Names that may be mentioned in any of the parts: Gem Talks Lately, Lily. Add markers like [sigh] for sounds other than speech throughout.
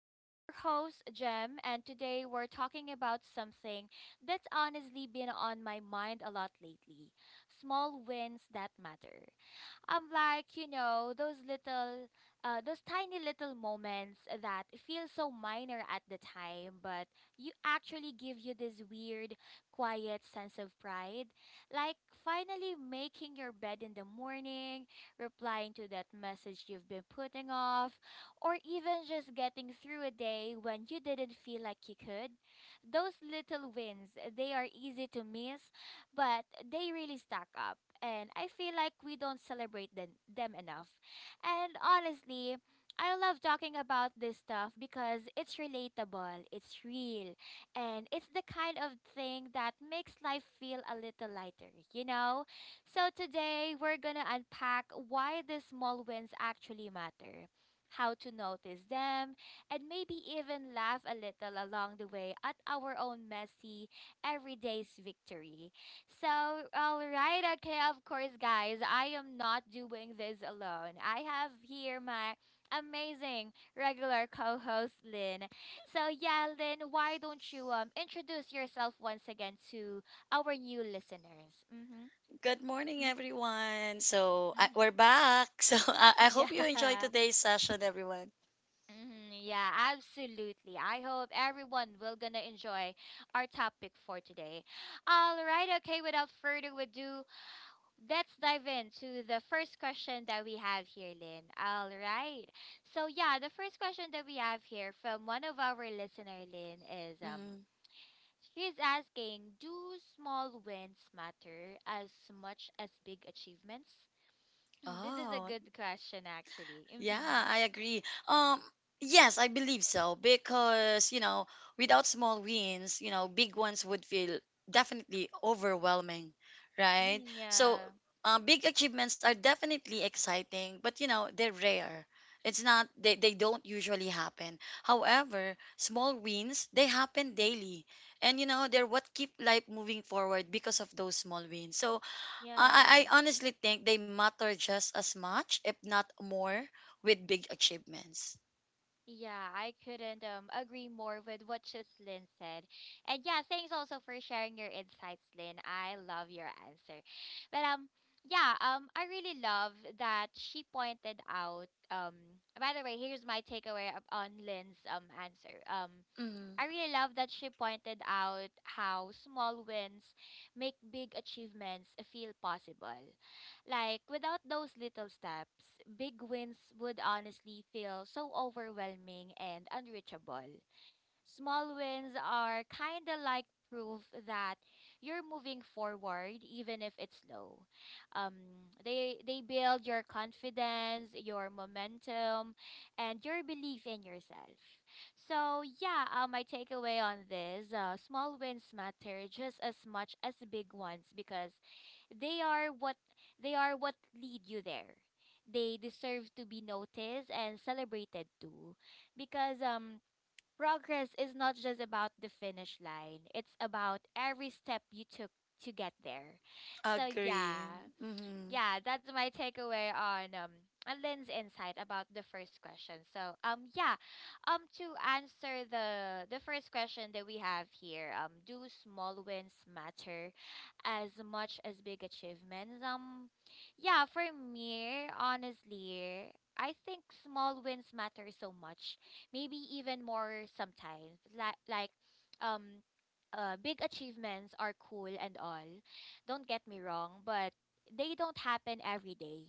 I'm your host, Gem, and today we're talking about something that's honestly been on my mind a lot lately, small wins that matter. You know, those little, those tiny little moments that feel so minor at the time, but you actually give you this weird, quiet sense of pride. Like finally making your bed in the morning, replying to that message you've been putting off, or even just getting through a day when you didn't feel like you could. Those little wins, they are easy to miss but they really stack up. And I feel like we don't celebrate them enough. And honestly, I love talking about this stuff because it's relatable, it's real, and it's the kind of thing that makes life feel a little lighter, you know? So today, we're gonna unpack why the small wins actually matter, how to notice them, and maybe even laugh a little along the way at our own messy, everyday's victory. So, all right, okay, of course, guys, I am not doing this alone. I have here my amazing regular co host, Lynn. So, yeah, Lynn, why don't you introduce yourself once again to our new listeners? Mm-hmm. Good morning, Mm-hmm. everyone. We're Mm-hmm. [laughs] back. [laughs] So I hope you enjoyed Yeah. today's session, everyone. Hmm, yeah, absolutely. I hope everyone will gonna enjoy our topic for today. All right, okay, without further ado, let's dive into the first question that we have here, Lynn. All right. So yeah, the first question that we have here from one of our listener, Lynn, is, Hmm. she's asking, do small wins matter as much as big achievements? Hmm, this is a Oh, good question actually. yeah, Mm-hmm. I agree. Yes, I believe so because, you know, without small wins, you know, big ones would feel definitely overwhelming, right? Mm-hmm, So, yeah. Big achievements are definitely exciting, but, you know, they're rare. It's not, they don't usually happen. However, small wins, they happen daily. And, you know, they're what keep life moving forward because of those small wins. So, Yeah. I, I I honestly think they matter just as much, if not more, with big achievements. Yeah, I couldn't agree more with what Chislin said. And yeah, thanks also for sharing your insights, Lynn. I love your answer. But um yeah, I really love that she pointed out. By the way, here's my takeaway on Lynn's answer. Mm, I really love that she pointed out how small wins make big achievements feel possible. Like, without those little steps, big wins would honestly feel so overwhelming and unreachable. Small wins are kind of like proof that you're moving forward even if it's slow. Um, they build your confidence, your momentum, and your belief in yourself. So yeah, my takeaway on this: small wins matter just as much as big ones because they are what they are what lead you there. They deserve to be noticed and celebrated too, because progress is not just about the finish line, it's about every step you took to get there. So, agree. yeah Mm-hmm. yeah, that's my takeaway on Lynn's insight about the first question. So yeah, to answer the first question that we have here, do small wins matter as much as big achievements? Yeah, for me, honestly, I think small wins matter so much. Maybe even more sometimes. Um big achievements are cool and all. Don't get me wrong, but they don't happen every day.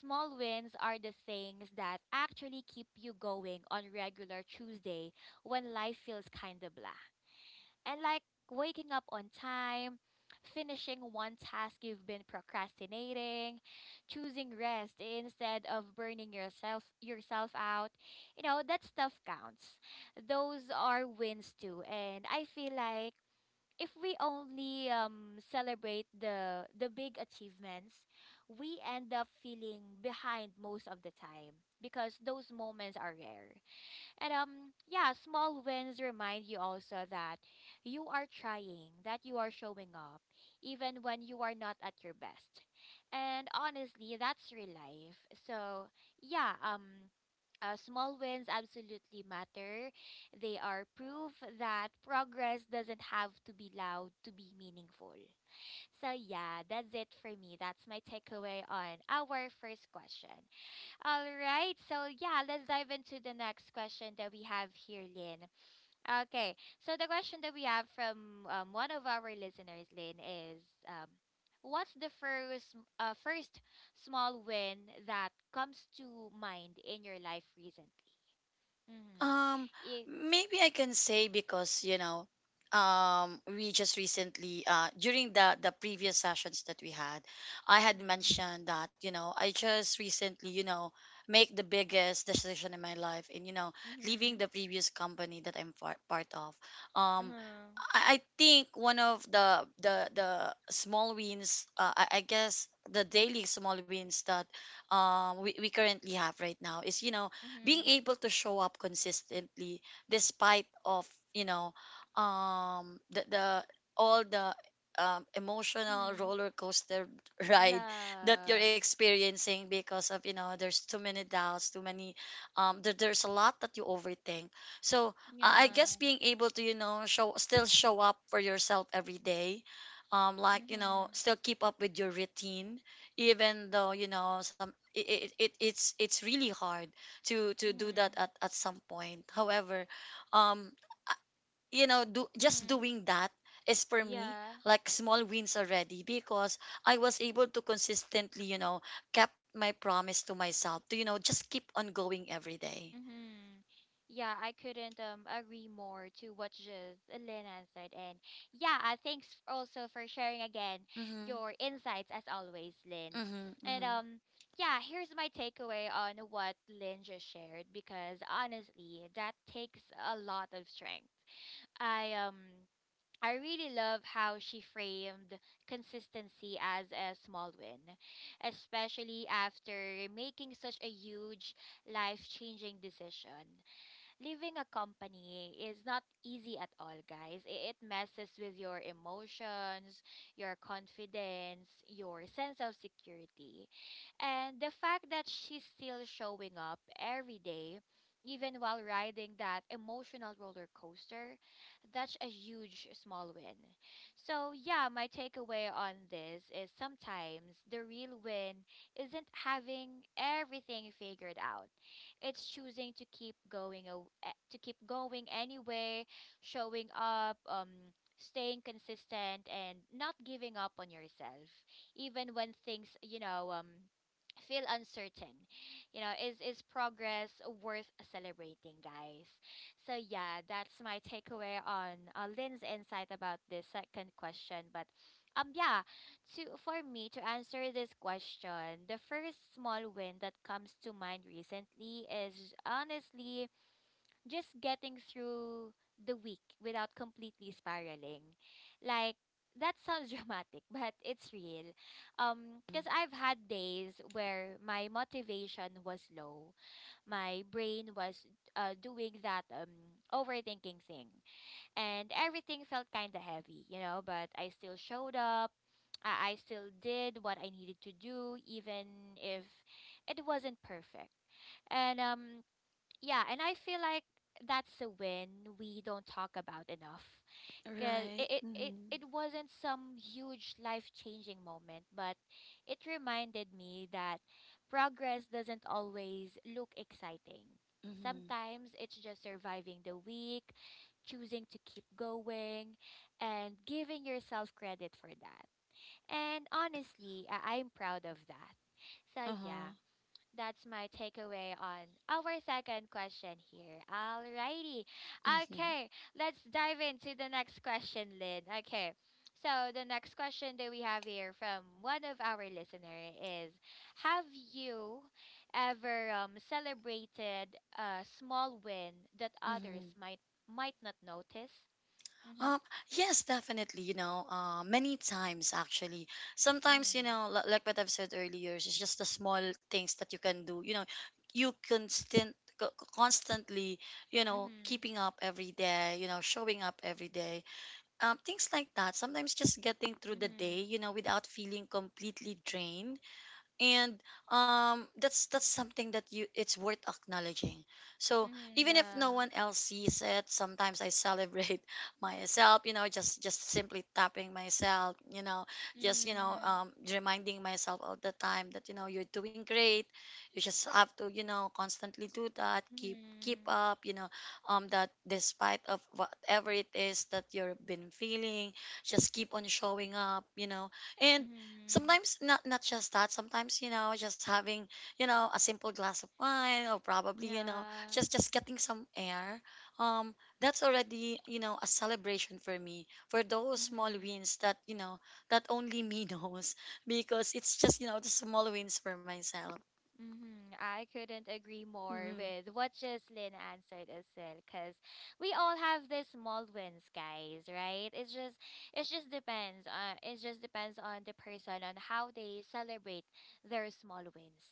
Small wins are the things that actually keep you going on regular Tuesday when life feels kind of blah. And like waking up on time, finishing one task you've been procrastinating, choosing rest instead of burning yourself out. You know, that stuff counts. Those are wins too. And I feel like if we only celebrate the big achievements, we end up feeling behind most of the time because those moments are rare. And yeah, small wins remind you also that you are trying, that you are showing up even when you are not at your best. And honestly, that's real life. So, yeah, small wins absolutely matter. They are proof that progress doesn't have to be loud to be meaningful. So, yeah, that's it for me. That's my takeaway on our first question. All right, so yeah, let's dive into the next question that we have here, Lynn. Okay, so the question that we have from one of our listeners, Lynn, is, um, what's the first small win that comes to mind in your life recently? Mm-hmm. Um, Yeah. Maybe I can say because, you know, we just recently during the previous sessions that we had, I had Mm-hmm. mentioned that, you know, I just recently, you know, make the biggest decision in my life, and, you know, leaving Mm-hmm. the previous company that I'm part of. Um. Uh-huh. I think one of the small wins, I guess the daily small wins that we currently have right now is, you know, being Mm-hmm. able to show up consistently despite of, you know, the all the emotional Mm-hmm. roller coaster [laughs] ride that you're Yeah. experiencing because, of you know, there's too many doubts, too many, there's a lot that you overthink, so I guess Yeah. being able to, you know, show still show up for yourself every day, like, you know, Mm-hmm. still keep up with your routine even though, you know, some it's really hard to do that Mm-hmm. at some point. However, um uh, you know, do just Mm-hmm. doing that is, for me, Yeah. like small wins already, because I was able to consistently, you know, kept my promise to myself to, you know, just keep on going every day. Mm-hmm. Yeah, I couldn't agree more to what just Elena said. And yeah, thanks also for sharing again Mm-hmm. your insights as always, Lynn. Mm-hmm. And Mm-hmm. um yeah, here's my takeaway on what Lynn just shared because honestly, that takes a lot of strength I um I really love how she framed consistency as a small win, especially after making such a huge life-changing decision. Leaving a company is not easy at all, guys. It messes with your emotions, your confidence, your sense of security. And the fact that she's still showing up every day, even while riding that emotional roller coaster, that's a huge small win. So, yeah, my takeaway on this is sometimes the real win isn't having everything figured out. It's choosing to keep going aw- eh, to keep going anyway, showing up, staying consistent and not giving up on yourself even when things, you know, feel uncertain. You know, is progress worth celebrating, guys? So yeah, that's my takeaway on Lynn's insight about this second question, but yeah, to for me to answer this question, the first small win that comes to mind recently is honestly just getting through the week without completely spiraling. Like that sounds [laughs] dramatic, but it's real. Because I've had days where my motivation was low, my brain was doing that overthinking thing, and everything felt kind of heavy, you know, but I still showed up. I still did what I needed to do, even if it wasn't perfect. And yeah, and I feel like that's a win we don't talk about enough. 'Cause Right. it, it, it, Mm-hmm. it wasn't some huge life changing moment, but it reminded me that progress doesn't always look exciting. Mm-hmm. Sometimes it's just surviving the week, choosing to keep going, and giving yourself credit for that. And honestly, I'm proud of that. So, Uh-huh. yeah, that's my takeaway on our second question here. Alrighty. [laughs] Mm-hmm. Okay, let's dive into the next question, Lynn. Okay. So the next question that we have here from one of our listener is, have you ever celebrated a small win that others Mm-hmm. might not notice? Mhm. Um, yes, definitely. You know, many times actually. Sometimes, you Mhm. know, like what I've said earlier, it's just the small things that you can do. You know, you constantly, you know, Mhm. keeping up every day. You know, showing up every day. Things like that. Sometimes just getting through the day, Mhm. you know, without feeling completely drained. And, that's something that you, it's worth acknowledging, so Mhm. even if no Yeah. one else sees it, sometimes I celebrate [laughs] myself, you know, just simply tapping myself, you know, just, you know, Mhm. Reminding myself all the time that, you know, you're doing great. You just have to, you know, constantly do that, keep Mhm. up, you know, that despite of whatever it is that you've been feeling, just keep on showing up, you know. And Mhm. sometimes not just that, sometimes, you know, just having, you know, a simple glass of wine, or probably, you know, Yeah. just getting some air, um that's already, you know, a celebration for me, for those small Mm-hmm. wins that, you know, that only me [laughs] knows, because it's just, you know, the small wins for myself. Mm-hmm. I couldn't agree more Mm-hmm. with what Jocelyn answered as well, because we all have these small wins, guys, right? It's just it just depends. It just depends on the person on how they celebrate their small wins.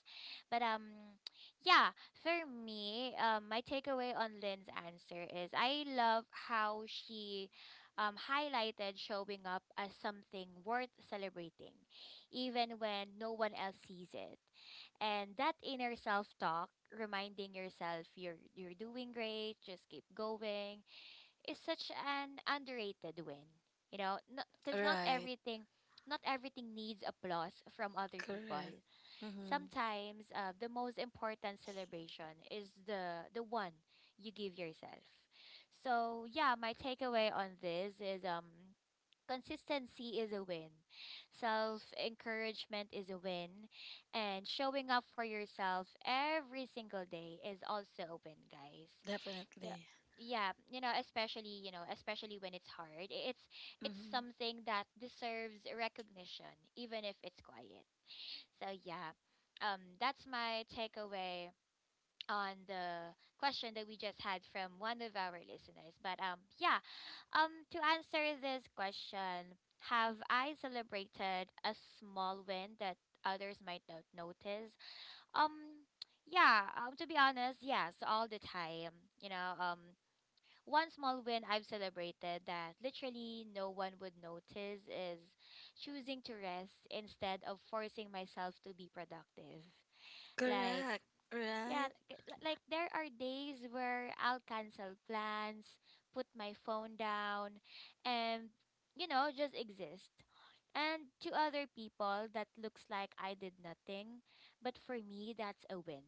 But yeah, for me, my takeaway on Lynn's answer is, I love how she highlighted showing up as something worth celebrating, even when no one else sees it, and that inner self-talk, reminding yourself you're doing great, just keep going, is such an underrated win. You know, because not Right. everything not everything needs applause from other people. Correct. Mm-hmm. Sometimes the most important celebration is the one you give yourself. So yeah, my takeaway on this is, consistency is a win, self encouragement is a win, and showing up for yourself every single day is also a win, guys. So, Definitely. yeah, you know, especially when it's hard, it's Mm-hmm. something that deserves recognition, even if it's quiet. So yeah, that's my takeaway on the question that we just had from one of our listeners. But yeah, to answer this question, have I celebrated a small win that others might not notice? Um, yeah, to be honest, yes, all the time. You know, one small win I've celebrated that literally no one would notice is choosing to rest instead of forcing myself to be productive. Like, Correct. Right. yeah, like there are days where I'll cancel plans, put my phone down, and you know, just exist. And to other people, that looks like I did nothing, but for me, that's a win.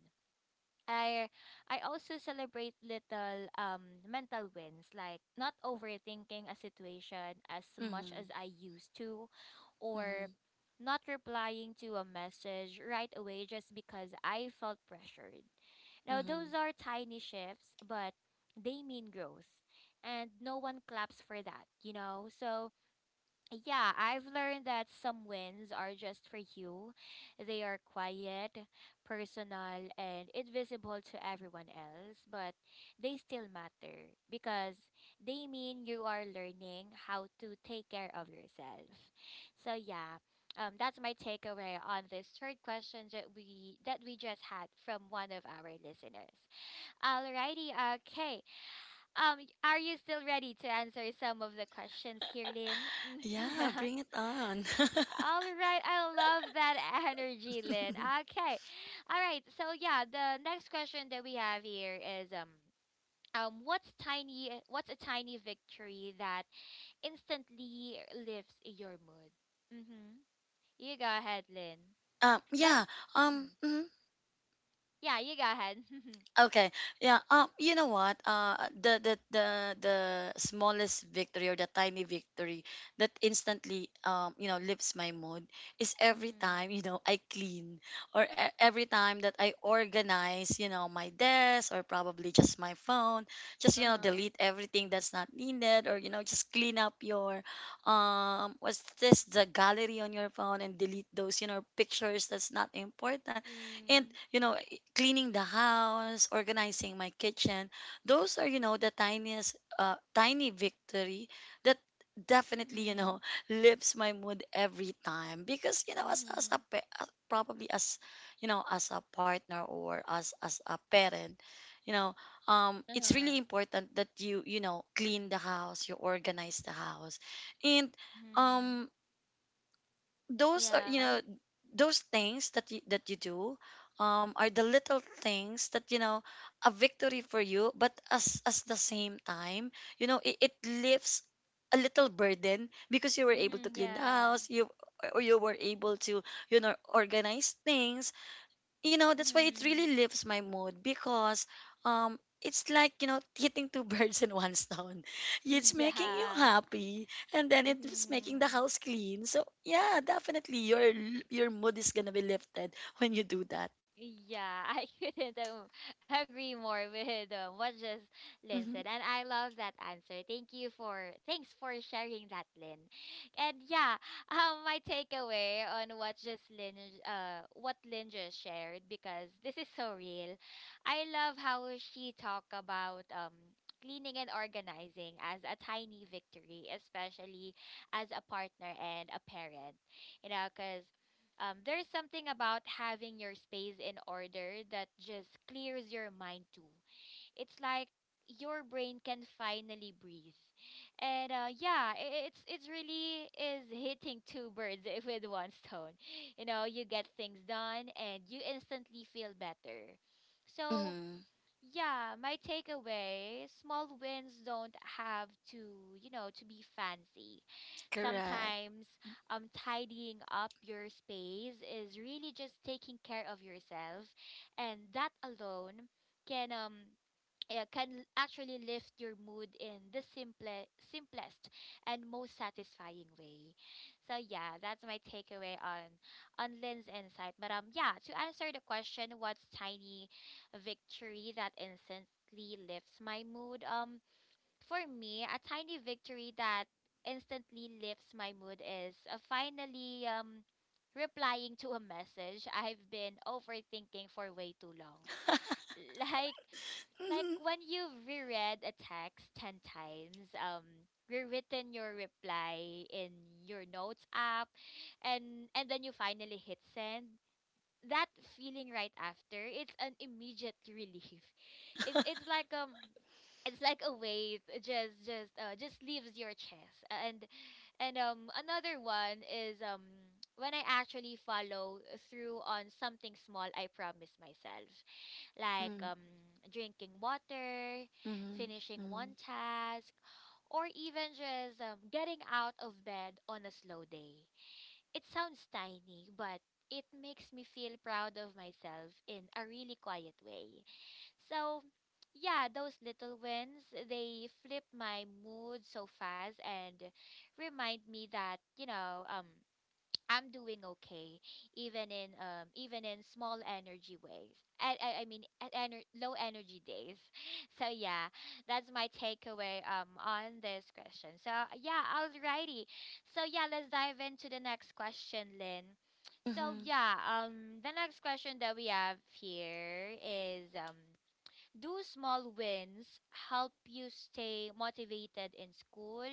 I I also celebrate little mental wins like not overthinking a situation as much as Mm-hmm. I used to, or Mm-hmm. not replying to a message right away just because I felt pressured. Now those Mm-hmm. are tiny shifts but they mean growth and no one claps for that, you know. So yeah, I've learned that some wins are just for you. They are quiet, personal, and invisible to everyone else, but they still matter because they mean you are learning how to take care of yourself. So yeah, that's my takeaway on this third question that we just had from one of our listeners. Alrighty, okay. Are you still ready to answer some of the questions here, Lynn? Yeah, bring it [laughs] on. All right, I love that [laughs] energy, Lynn. [laughs] Okay. All right. The next question that we have here is what's tiny what's a tiny victory that instantly lifts your mood? Mhm. You go ahead, Lynn. But Yeah. Mhm. Mhm. Yeah, you go ahead. [laughs] Okay. Yeah. You know what? The smallest victory, or the tiny victory that instantly, you know, lifts my mood is every Mhm. time, you know, I clean, or every time that I organize, you know, my desk or probably just my phone. Just, you know, Uh-huh. delete everything that's not needed, or, you know, just clean up your, what's this, the gallery on your phone, and delete those, you know, pictures that's not important, and, Mhm. you know, cleaning the house, organizing my kitchen. Those are, you know, the tiniest, tiny victory that definitely, you know, Mhm. [laughs] lifts my mood every time. Because, you know, Mhm. Probably as, you know, as a partner, or as a parent, you know, it's Uh-huh. really important that you know, clean the house, you organize the house. And, Mhm. um, those are, you Yeah. know, those things that you do, are the little things that, you know, a victory for you, but as the same time, you know, it lifts a little burden, because you were able Mhm. to clean the Yeah. house, you or you were able to, you know, organize things, you know. That's why it Mhm. really lifts my mood, because it's like, you know, hitting two [laughs] birds in one stone. It's [laughs] Yeah. making you happy, and then it's making the Mm-hmm. house clean, so yeah, definitely your mood is gonna be lifted when you do that. Yeah, [laughs] I couldn't agree more with what just Lynn Hmm. said, and I love that answer. Thank you for thanks for sharing that, Lynn. And yeah, [laughs] my takeaway on what just Lynn what Lynn just shared, because this is so real. I love how she talked about cleaning and organizing as a tiny victory, especially as a partner and a parent, you know, cause. There's something about having your space in order that just clears your mind too. It's like your brain can finally breathe. And yeah, it's really is hitting two birds [laughs] with one stone. You know, you get things done and you instantly feel better. So Hmm. yeah, my takeaway, small wins don't have to, you know, to be fancy. Correct. Sometimes tidying up your space is really just taking care of yourself, and that alone can um can actually lift your mood in the simplest and most satisfying way. So yeah, that's my takeaway on Lynn's insight. But yeah, to answer the question, what's tiny victory that instantly lifts my mood? For me, a tiny victory that instantly lifts my mood is finally replying to a message I've been overthinking for way too long. [laughs] [laughs] Like like Mhm. when you've reread a text 10 times, rewritten your reply in your notes app, and then you finally hit send. That feeling right after, it's an immediate relief. [laughs] It's it's like a weight just just leaves your chest. And another one is when I actually follow through on something small I promise myself. Like Mhm. Drinking water, Mhm. finishing one Mhm. task, or even just getting out of bed on a slow day. It sounds tiny, but it makes me feel proud of myself in a really quiet way. So, yeah, those little wins, they flip my mood so fast and remind me that, you know, I'm doing okay, even in even in small energy ways. I mean at low energy days. [laughs] So yeah, that's my takeaway on this question. So yeah, alrighty. So yeah, let's dive into the next question, Lynn. So Mhm. yeah, the next question that we have here is do small wins help you stay motivated in school,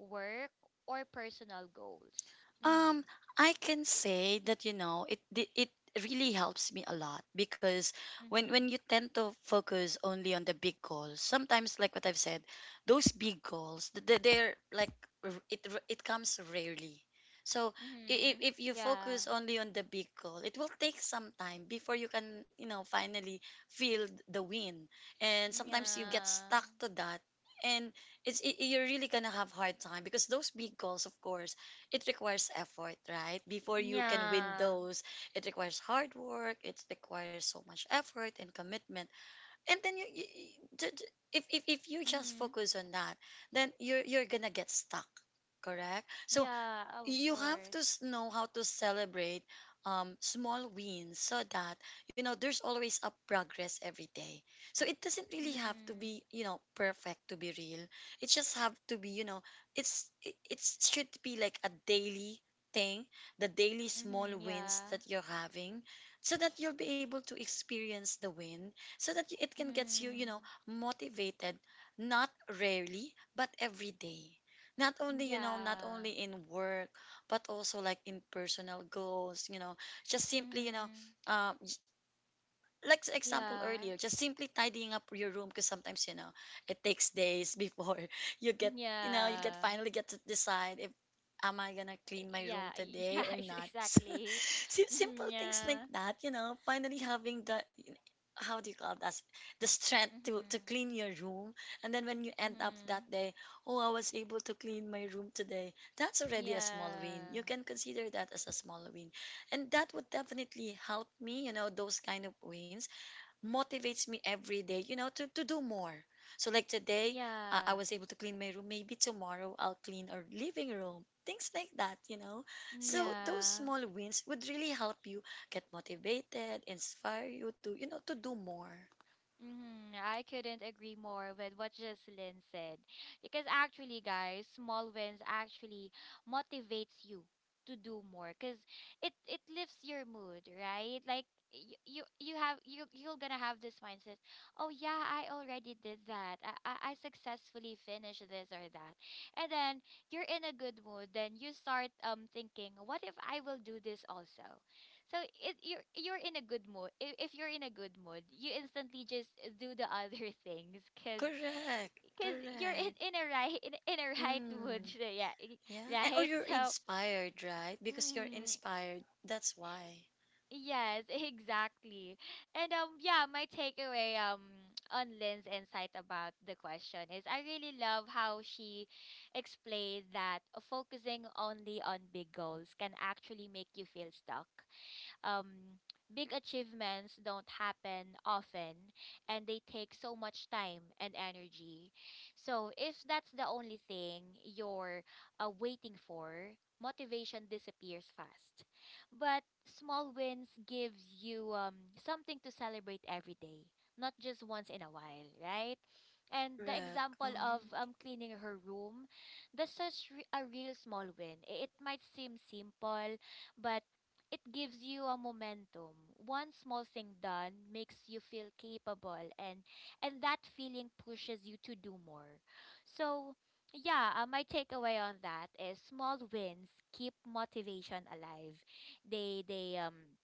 work, or personal goals? Mm. Um, I can say that, you know, it really helps me a lot, because when Mhm. you tend to focus only on the big goals, sometimes, like what I've said, those big goals, they're like, it comes rarely. So, if Mhm. if you Yeah. focus only on the big goal, it will take some time before you can, you know, finally feel the win, and sometimes you get Yeah. stuck to that, and you're really gonna have hard time, because those big goals, of course, it requires effort, right? Before you can win Yeah. those, it requires hard work. It requires so much effort and commitment. And then, you, if you just Mhm. focus on that, then you're gonna get stuck, correct? So Yeah, of you have to course. Know how to celebrate, small wins, so that, you know, there's always a progress every day, so it doesn't really have to Mhm. be, you know, perfect to be real, it just have to be, you know, it should be like a daily thing, the daily Mhm. small wins Yeah. that you're having, so that you'll be able to experience the win, so that it can get you, you know, Mhm. motivated, not rarely but every day, not Yeah. only in work but also like impersonal goals, you know, just simply, you know, Mhm. um like the example Yeah. earlier, just simply tidying up your room, because sometimes, you know, it takes days before [laughs] you Yeah. get, you know, you get, Yeah. finally [laughs] get to decide if am I gonna clean my Yeah. room today or not. [laughs] So, Exactly. Simple Mhm. things like Yeah. that, you know, finally having the, how do you call that, the strength to Mhm. clean your room, and then when you end up Mhm. that day, oh, I was able to clean my room today, that's already a small win, Yeah. you can consider that as a small win, and that would definitely help me, you know, those kind of wins motivates me every day, you know, to do more. So, like today, I Yeah. was able to clean my room. Maybe tomorrow I'll clean our living room. Things like that, you know. So those Yeah. small wins would really help you get motivated, inspire you to, you know, to do more. Mm-hmm. I couldn't agree more with what Jocelyn said. Because actually, guys, small wins actually motivates you to do more because it lifts your mood, right? Like you have you're gonna have this mindset. Oh yeah, I already did that. I successfully finished this or that. And then you're in a good mood, then you start thinking, what if I will do this also? So you're in a good mood. If you're in a good mood, you instantly just do the other [laughs] things, cause Correct. cause you're Correct. in a right in a right mood. [laughs] Mm, So yeah, yeah. And or right. you're So, inspired, right? Because you're hmm, inspired. That's why. yes, [laughs] exactly. And yeah, my takeaway on Lynn's insight about the question is I really love how she explained that focusing only on big goals can actually make you feel stuck. um, Big achievements don't happen often, and they take so much time and energy. So, if that's the only thing you're waiting for, motivation disappears fast. But small wins gives you something to celebrate every day, not just once in a while, right? And the Correct. example of cleaning her room, that's such a real small win. I- It might seem simple, but it gives you a momentum. One small thing done makes you feel capable, and that feeling pushes you to do more. So, yeah, my takeaway on that is small wins keep motivation alive. They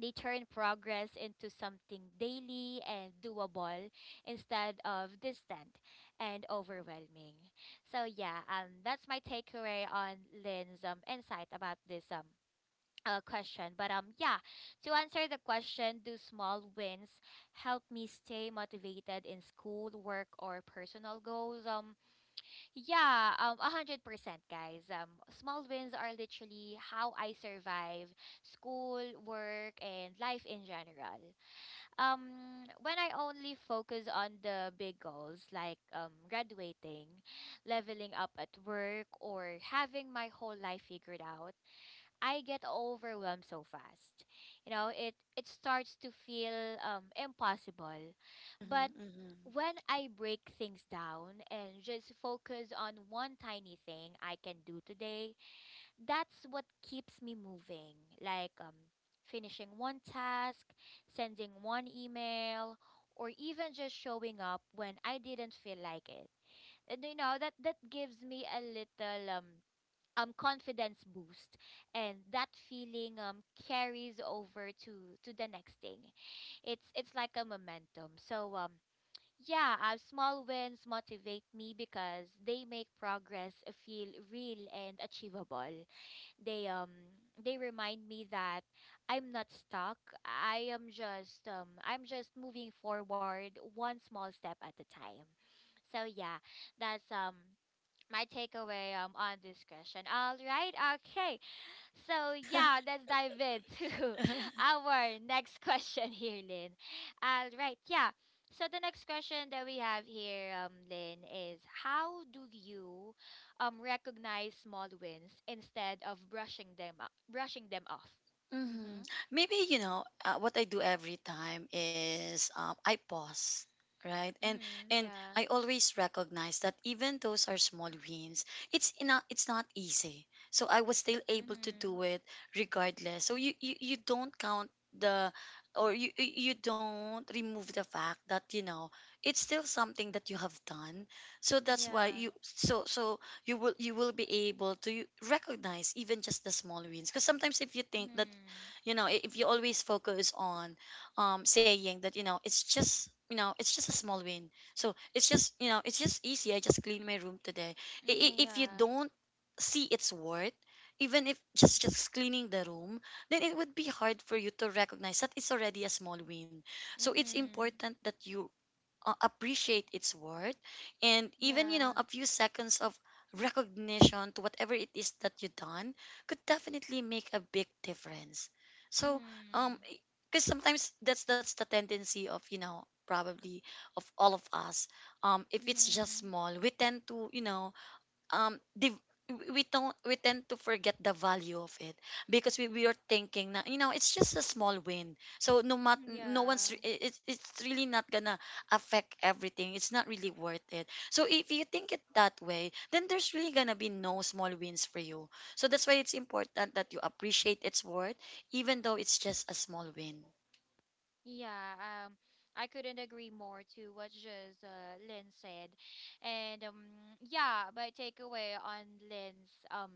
they turn progress into something daily and doable instead of distant and overwhelming. So yeah, that's my takeaway on Lynn's insight about this question. But yeah, to answer the question, do small wins help me stay motivated in school, work, or personal goals? Yeah, 100%, guys. Small wins are literally how I survive school, work, and life in general. When I only focus on the big goals like graduating, leveling up at work, or having my whole life figured out, I get overwhelmed so fast. You know, it starts to feel impossible. But Mhm, when I break things down and just focus on one tiny thing I can do today, that's what keeps me moving. Like finishing one task, sending one email, or even just showing up when I didn't feel like it. And you know that gives me a little confidence boost, and that feeling carries over to the next thing. It's like a momentum. So yeah, small wins motivate me because they make progress feel real and achievable. They remind me that I'm not stuck, I am just I'm just moving forward one small step at a time. So yeah, that's my takeaway on this question. All right, okay. So yeah, let's dive into mhm. [laughs] [laughs] our next question here, Lynn. All right, yeah. So the next question that we have here, Lynn, is how do you recognize small wins instead of brushing brushing them off? Mhm. Mhm. Maybe, you know, what I do every time is, I pause, right? And Mhm. and Yeah. I always recognize that even those are small wins, it's not, it's not easy. So I was still able to Mhm. do it regardless. So you don't count the or you don't remove the fact that, you know, it's still something that you have done, so that's why Yeah. you so so you will be able to recognize even just the small wins, because sometimes, if you think that, Mhm. you know, if you always focus on, saying that, you know, it's just, you know, it's just a small win, so it's just, you know, it's just easy, I just clean my room today. Mhm. If you Yeah. don't see its worth, even if just cleaning the room, then it would be hard for you to recognize that it's already a small win, so it's Mhm. important that you appreciate its worth. And even, you know, Yeah. a few seconds of recognition to whatever it is that you've done, could definitely make a big difference. So, um Mhm. because sometimes that's the tendency of, you know, probably of all of us, if it's just Mm-hmm. small, we tend to, you know, the we don't we tend to forget the value of it, because we are thinking, na, you know, it's just a small win, so no mat Hmm. no one's Yeah. re- it, it's really not gonna affect everything, it's not really worth it, so if you think it that way, then there's really gonna be no small wins for you, so that's why it's important that you appreciate its worth, even though it's just a small win. Yeah. I couldn't agree more to what just Lynn said. And yeah, my takeaway on Lynn's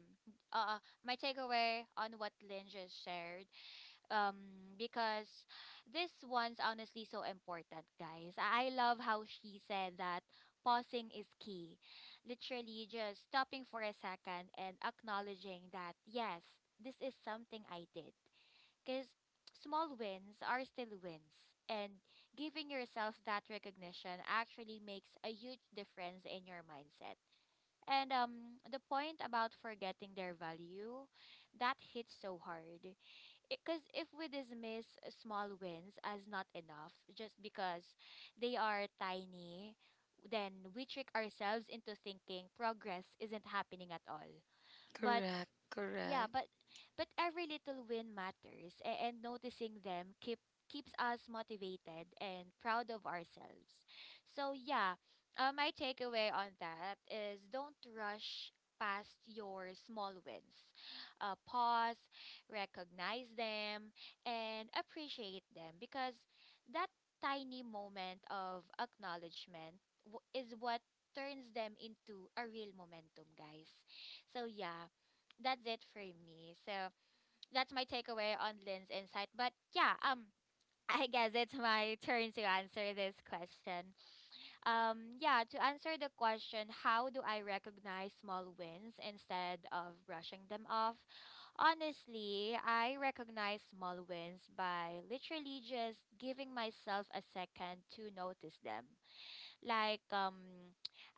uh my takeaway on what Lynn just shared. Um because this one's honestly so important, guys. I love how she said that pausing is key. Literally just stopping for a second and acknowledging that yes, this is something I did. Because small wins are still wins, and giving yourself that recognition actually makes a huge difference in your mindset. And the point about forgetting their value, that hits so hard. Because if we dismiss small wins as not enough just because they are tiny, then we trick ourselves into thinking progress isn't happening at all. But Correct. yeah, Correct. But every little win matters, and noticing them keeps us motivated and proud of ourselves. So yeah, my takeaway on that is don't rush past your small wins. Pause, recognize them, and appreciate them, because that tiny moment of acknowledgement is what turns them into a real momentum, guys. So yeah, that's it for me. So that's my takeaway on Lynn's insight. But yeah, [laughs] I guess it's my turn to answer this question. Yeah, to answer the question, how do I recognize small wins instead of brushing them off? Honestly, I recognize small wins by literally just giving myself a second to notice them. Like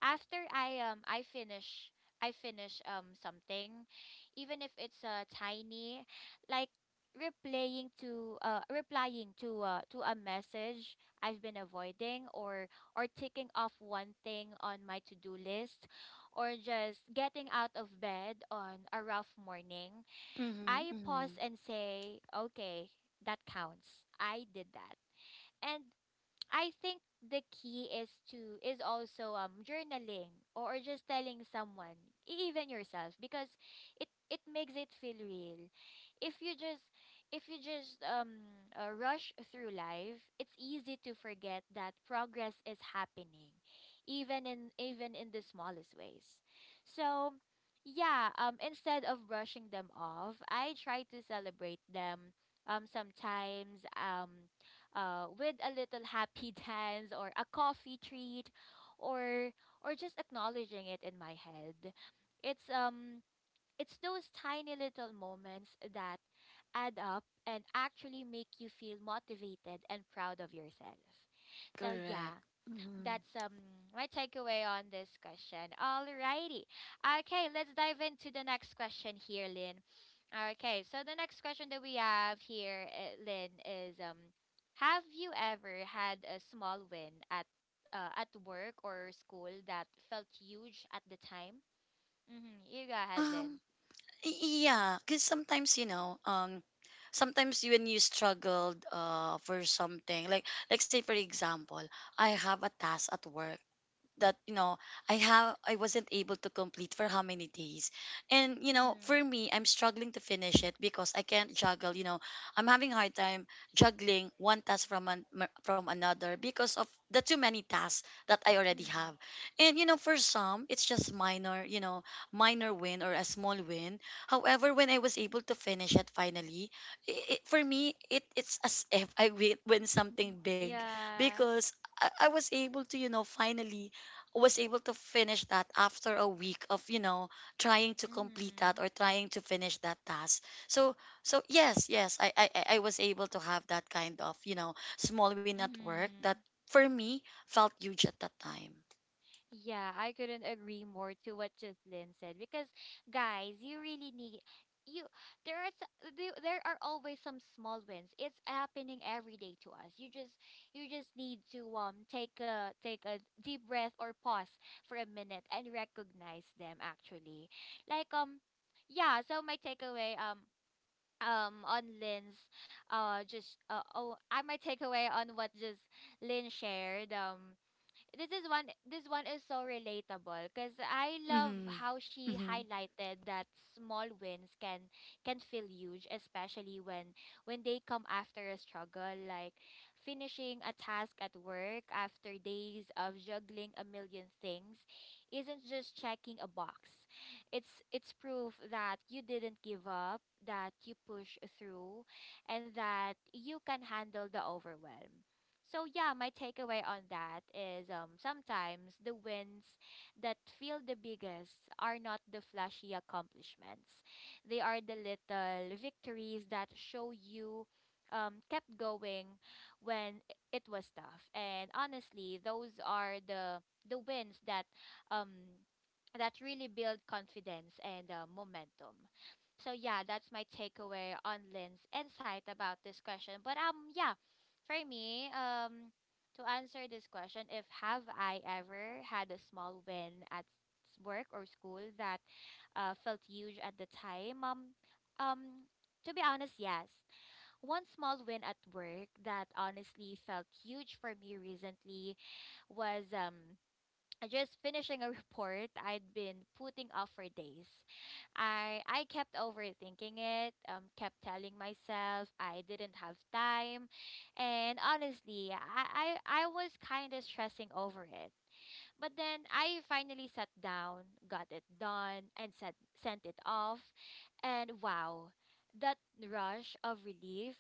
after I finish I finish something, even if it's tiny. Like replying to a message I've been avoiding, or ticking off one thing on my to-do list, or just getting out of bed on a rough morning. I Mm-hmm. Mm-hmm. pause and say okay, that counts, I did that. And I think the key is to is also journaling or just telling someone, even yourself, because it makes it feel real. If you just if you just rush through life, it's easy to forget that progress is happening, even in even in the smallest ways. So. Yeah, instead of brushing them off, I try to celebrate them sometimes. With a little happy [laughs] dance or a coffee treat, or or just acknowledging it in my head. It's it's those tiny little moments that add up and actually make you feel motivated and proud of yourself. So Correct. yeah, Mm-hmm. that's my takeaway on this question. Alrighty, okay, let's dive into the next question here, Lynn. Okay, so the next question that we have here, Lynn, is have you ever had a small win at work or school that felt huge at the time? Mm-hmm. You go ahead, Lynn. Yeah, because sometimes sometimes when you struggled for something, like say for example, I have a task at work that you know I wasn't able to complete for how many days. And you know, Mm-hmm. for me, I'm struggling to finish it because I can't juggle, you know, I'm having a hard time juggling one task from from another because of the too many tasks that I already Mm-hmm. have. And you know, for some it's just minor, you know, minor win or a small win. However, when I was able to finish it finally, for me it's as [laughs] if I win something big, Yeah. because I was able to, you know, finally was able to finish that after a week of, you know, trying to complete that Mm-hmm. or trying to finish that task. So so yes yes I was able to have that kind of, you know, small win at work that Mm-hmm. for me felt huge at that time. Yeah, I couldn't agree more to what Jocelyn said because guys, you really need you there are there are always some small wins. It's happening every day to us. You just need to take a deep breath or pause for a minute and recognize them actually. Like um yeah, so my takeaway on Lynn's just oh I my takeaway on what just Lynn shared. This one is so relatable because I love Mm-hmm. how she Mm-hmm. highlighted that small wins can feel huge, especially when they come after a struggle, like finishing a task at work after days of juggling a million things isn't just checking a box. It's proof that you didn't give up, that you push through, and that you can handle the overwhelm. So yeah, my takeaway on that is sometimes the wins that feel the biggest are not the flashy accomplishments. They are the little victories that show you kept going when it was tough. And honestly, those are the wins that um that really build confidence and momentum. So yeah, that's my takeaway on Lynn's insight about this question. But yeah, for me, to answer this question, if have I ever had a small win at work or school that felt huge at the time? Um, to be honest, yes. One small win at work that honestly felt huge for me recently was just finishing a report I'd been putting off for days. I kept overthinking it, kept telling myself I didn't have time, and honestly, I was kind of stressing over it. But then I finally sat down, got it done, and sent it off, and wow. That rush of relief,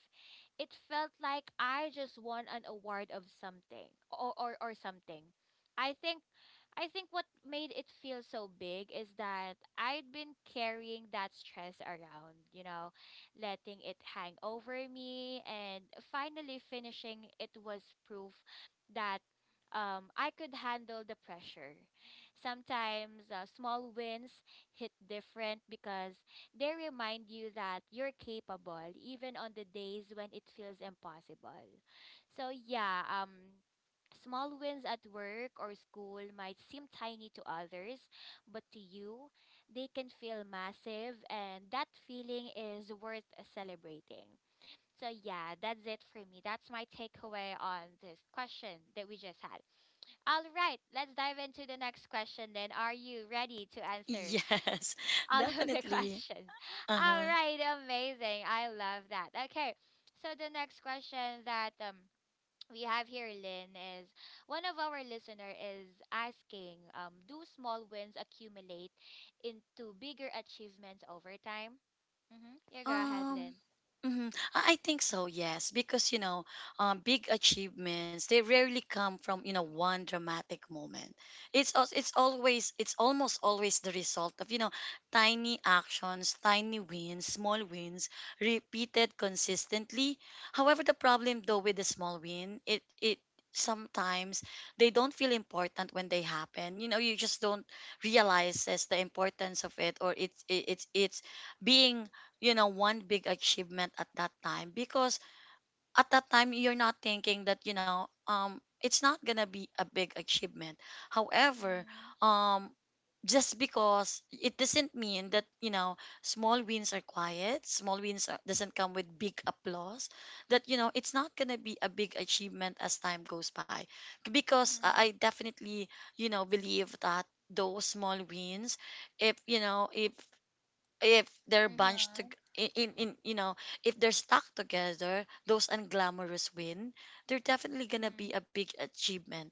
it felt like I just won an award of something or something. I think I think what made it feel so big is that I'd been carrying that stress around, you know, letting it hang over me and finally finishing it was proof that I could handle the pressure. Sometimes small wins hit different because they remind you that you're capable even on the days when it feels impossible. So yeah, small wins at work or school might seem tiny to others, but to you, they can feel massive, and that feeling is worth celebrating. So, yeah, that's it for me. That's my takeaway on this question that we just had. All right, let's dive into the next question then. Are you ready to [laughs] answer [laughs] Yes, all of the [laughs] definitely. questions? All Uh-huh. right, amazing. I love that. Okay, so the next question that, we have here, Lynn, is one of our listener is asking, do small wins accumulate into bigger achievements over time? Mhm. Yeah, go ahead, Lynn. Um, mhm. I think so, yes, because you know, big achievements, they rarely come from, you know, one dramatic moment. It's always, it's almost always the result of, you know, tiny actions, tiny wins, small wins repeated consistently. However, the problem though with the small win, it sometimes they don't feel important when they happen. You know, you just don't realize as the importance of it, or it's being, you know, one big achievement at that time, because at that time you're not thinking that, you know, it's not gonna be a big achievement. However, Mhm. um just because it doesn't mean that, you know, small wins are quiet, small wins are, doesn't come with big applause, that you know it's not gonna be a big achievement as time goes by, because I Mhm. definitely, you know, believe that those small wins, if you know, if they're Mhm. In, you know, if they're stuck together, those unglamorous win, they're definitely gonna be Mhm. a big achievement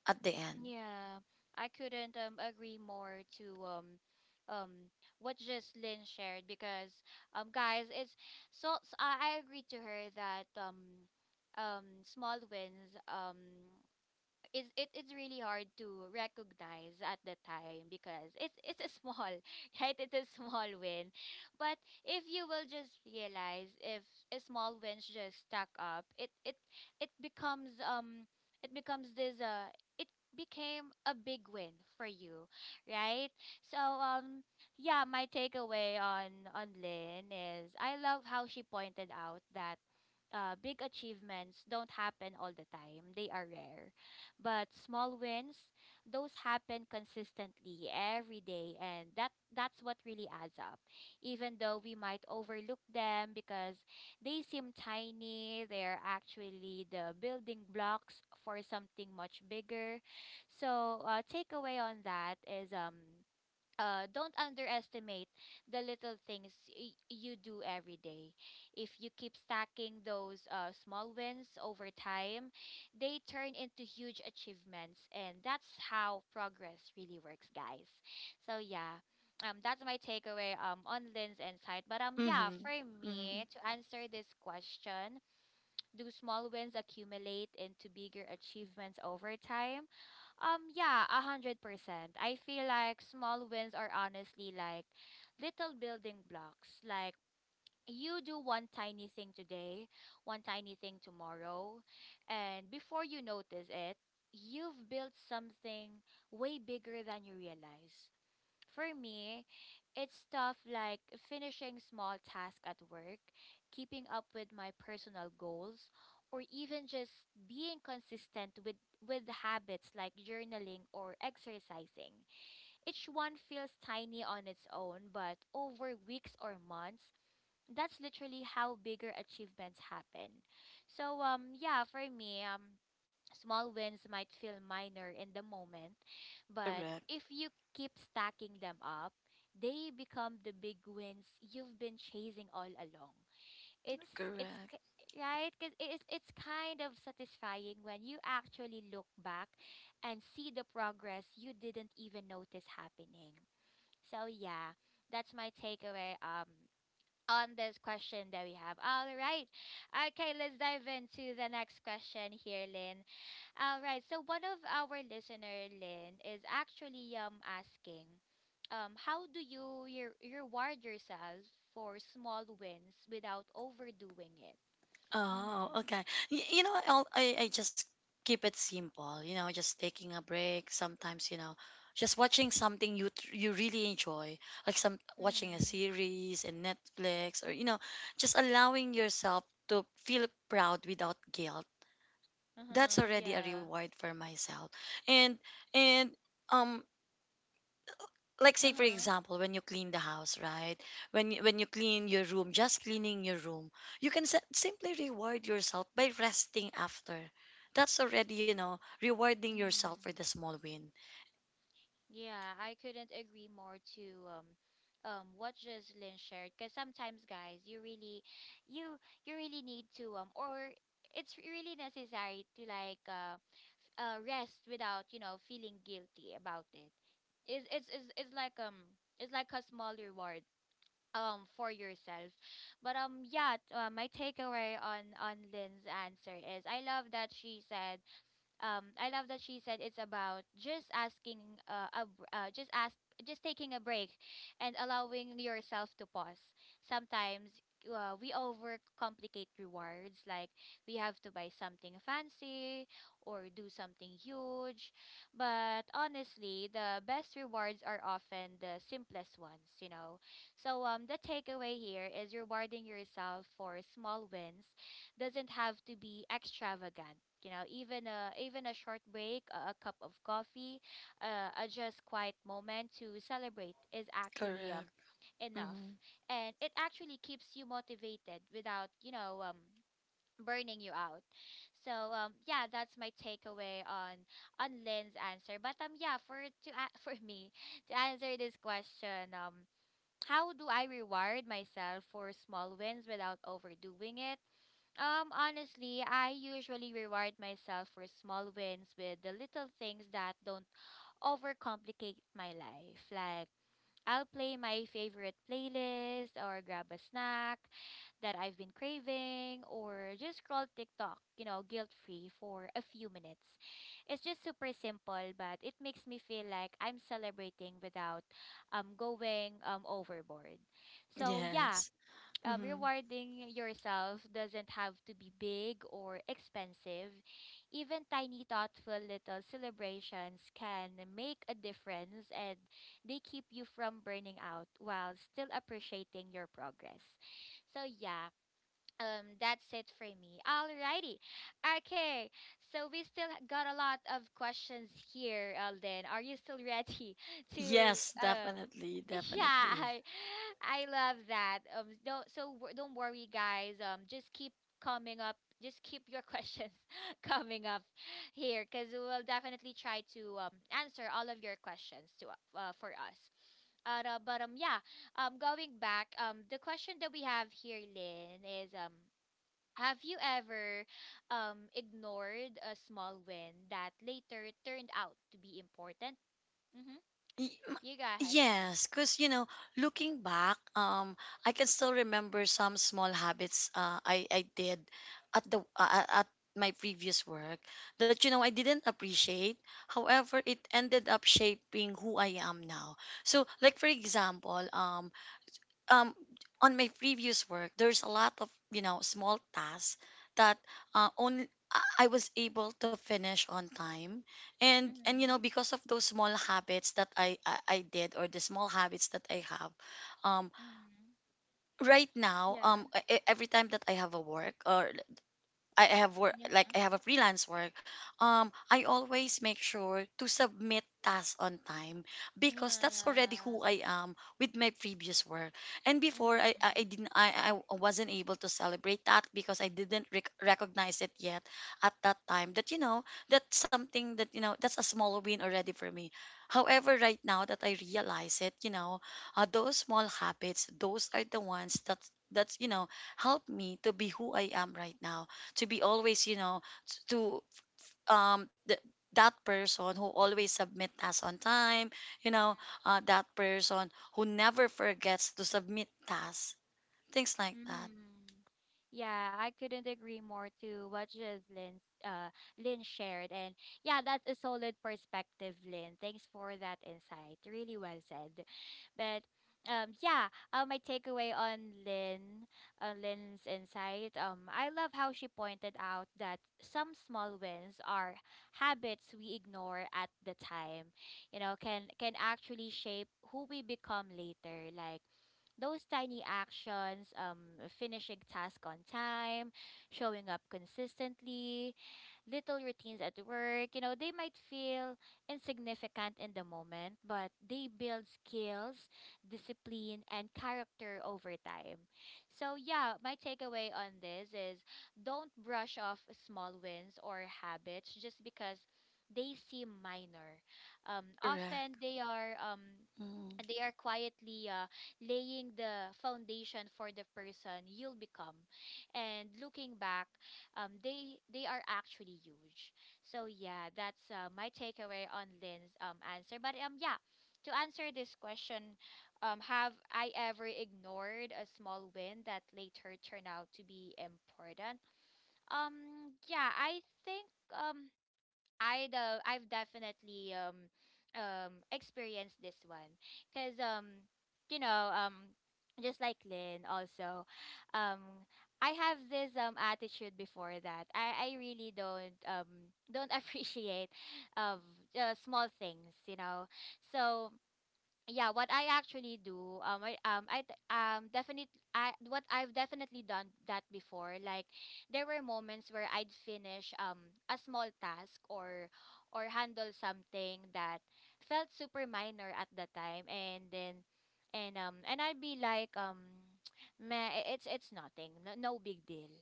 at the end. Yeah. I couldn't agree more to um what just Lynn shared because guys, it's so, so I agree to her that small wins, it's it is really hard to recognize at the time because it's a small [laughs] right, it's a small win. But if you will just realize if a small wins just stack up, it becomes um it becomes this it became a big win for you, right? So yeah, my takeaway on Lynn is I love how she pointed out that big achievements don't happen all the time. They are rare. But small wins, those happen consistently every day, and that's what really adds up. Even though we might overlook them because they seem tiny, they're actually the building blocks for something much bigger. So, uh, takeaway on that is don't underestimate the little things you do every day. If you keep stacking those small wins over time, they turn into huge achievements, and that's how progress really works, guys. So yeah, that's my takeaway on Lynn's insight. But yeah, Mm-hmm, for mm-hmm. me to answer this question, do small wins accumulate into bigger achievements over time? Yeah, 100%. I feel like small wins are honestly like little building blocks. Like you do one tiny thing today, one tiny thing tomorrow, and before you notice it, you've built something way bigger than you realize. For me, it's stuff like finishing small tasks at work, keeping up with my personal goals, or even just being consistent with habits like journaling or exercising. Each one feels tiny on its own, but over weeks or months, that's literally how bigger achievements happen. So yeah, for me, small wins might feel minor in the moment, but Correct, if you keep stacking them up, they become the big wins you've been chasing all along. It's it's correct. k- right, because it's kind of satisfying when you actually look back and see the progress you didn't even notice happening. So yeah, that's my takeaway on this question that we have. All right. Okay, let's dive into the next question here, Lynn. All right. So one of our listener, Lynn, is actually asking, how do you reward yourself for small wins without overdoing it? Oh, Mm. okay. You know, I just keep it simple, you know, just taking a break sometimes, you know, just watching something you you really enjoy, like some watching a Mm-hmm. series in Netflix, or you know, just allowing yourself to feel proud without guilt. That's Uh-huh. already a Yeah. reward for myself. and and um like say for Uh-huh. example, when you clean the house, right, when you clean your room, just cleaning your room, you can simply reward yourself by resting after. That's already, you know, rewarding yourself for Mm. the small win. Yeah, I couldn't agree more to what Jocelyn shared because sometimes guys, you really you you really need to or it's really necessary to like rest without you know feeling guilty about it. It's like it's like a small reward for yourself. But yeah, my takeaway on Lynn's answer is I love that she said I love that she said it's about just asking a, br- just ask just taking a break and allowing yourself to pause. Sometimes we overcomplicate rewards like we have to buy something fancy or do something huge. But honestly, the best rewards are often the simplest ones, you know. So the takeaway here is rewarding yourself for small wins doesn't have to be extravagant. You know, even a short break, a cup of coffee, a just quiet moment to celebrate is actually Correct. enough, Hmm. and it actually keeps you motivated without you know burning you out. So yeah, that's my takeaway on Lynn's answer. But yeah, [laughs] for me to answer this question, how do I reward myself for small wins without overdoing it? Honestly, I usually reward myself for small wins with the little things that don't overcomplicate my life. Like, I'll play my favorite playlist or grab a snack that I've been craving or just scroll TikTok, you know, guilt-free for a few minutes. It's just super simple, but it makes me feel like I'm celebrating without going overboard. So, yeah, Yes. Hmm. rewarding yourself doesn't have to be big or expensive. Even tiny, thoughtful little celebrations can make a difference and they keep you from burning out while still appreciating your progress. So, yeah, that's it for me. Alrighty, okay, so we still got a lot of questions here, Alden. Are you still ready [laughs] to Yes, um definitely, [laughs] yeah, definitely. I love that. Don't so don't worry guys, just keep coming up, just keep your [laughs] questions coming up here, because we'll definitely try to answer all of your questions to for us. But yeah, going back, the question that we have here, Lynn, is have you ever ignored a small win that later turned out to be important? Mm-hmm. Y- m- You go ahead. Yes, because you know, looking back, I can still remember some small habits I did at the at my previous work that you know I didn't appreciate. However, it ended up shaping who I am now. So, like for example, um on my previous work there's a lot of, you know, small tasks that only I I was able to finish on time. And you know Mm-hmm. because of those small habits that I did, or the small habits that I have, um Mm-hmm. right now, Yeah. Every time that I have a work, or I have work, Yeah. like I have a freelance work. I always make sure to submit tasks on time Yeah. because that's Yeah. already who I am with my previous work. And before Mm-hmm. I didn't, I wasn't able to celebrate that because I didn't recognize it yet at that time, that you know that's something that you know that's a small win already for me. However, right now that I realize it, you know, those small habits, those are the ones that, that's, you know, help me to be who I am right now, to be always, you know, to um th- that person who always submit tasks on time, you know, that person who never forgets to submit tasks, things like that. Mm-hmm. Yeah, I couldn't agree more to what Jocelyn Lynn shared. And yeah, that's a solid perspective, Lynn. Thanks for that insight. Really well said. But yeah, my takeaway on Lynn Lynn's insight, I love how she pointed out that some small wins are habits we ignore at the time, you know, can actually shape who we become later. Like those tiny actions, finishing tasks on time, showing up consistently, little routines at work, you know, they might feel insignificant in the moment, but they build skills, discipline, and character over time. So, yeah, my takeaway on this is don't brush off small wins or habits just because they seem minor. Correct. Often Mm. they are quietly laying the foundation for the person you'll become. And looking back, they are actually huge. So yeah, that's my takeaway on Lynn's answer. But yeah, to answer this question, have I ever ignored a small win that later turned out to be important? Yeah, I think um I've definitely experienced this one because you know um just like Lynn also um I have this attitude before that I really don't [laughs] appreciate of small things. So yeah what I actually do, definitely I what I've definitely done that before. Like there were moments where I'd finish a small task, or handle something that felt super minor at the time, and then and I'd be like [tsk] meh, it's nothing, no, no big deal.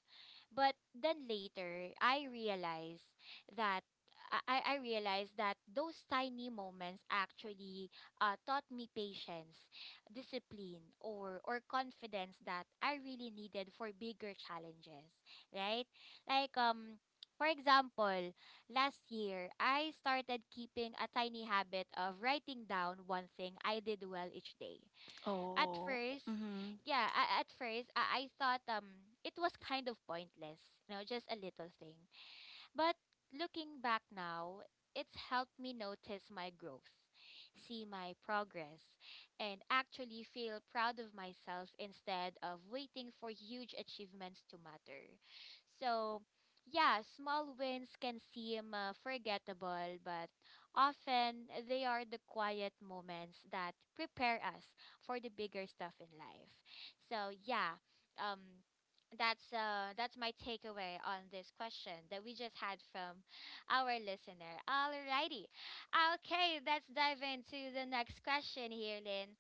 But then later I realized that, I realized that those tiny moments actually taught me patience, discipline, or confidence that I really needed for bigger challenges, right? Like for example, last year I started keeping a tiny habit of writing down one thing I did well each day. At Oh. first, Mm-hmm. yeah, at first I thought it was kind of pointless, you know, just a little thing. But looking back now, it's helped me notice my growth, see my progress, and actually feel proud of myself instead of waiting for huge achievements to matter. So, yeah, small wins can seem forgettable, but often they are the quiet moments that prepare us for the bigger stuff in life. So, yeah, um that's my takeaway on this question that we just had from our listener. Alrighty. Okay, let's dive into the next question here, Lynn.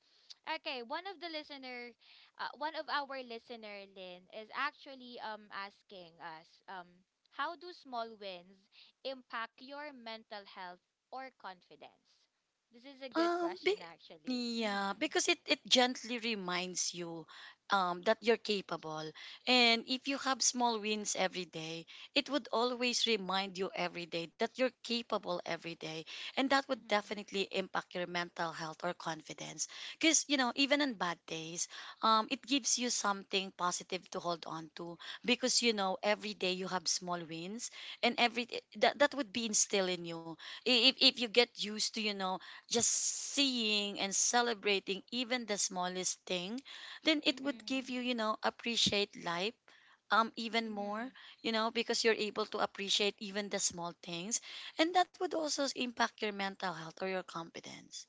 Okay, one of our listener, Lynn, is actually asking us how do small wins impact your mental health or confidence? This is a good Um, be, question actually. yeah, Mhm. because it gently reminds you that you're capable. And if you have small wins every day, it would always remind you every day that you're capable every day. And that would Mhm. definitely impact your mental health or confidence. Because, you know, even on bad days, it gives you something positive to hold on to, because you know every day you have small wins, and every, that that would be instilled in you. If you get used to, you know, just seeing and celebrating even the smallest thing, then it would give Mhm. you, you know, appreciate life even more, Mhm. you know, because you're able to appreciate even the small things, and that would also impact your mental health or your confidence.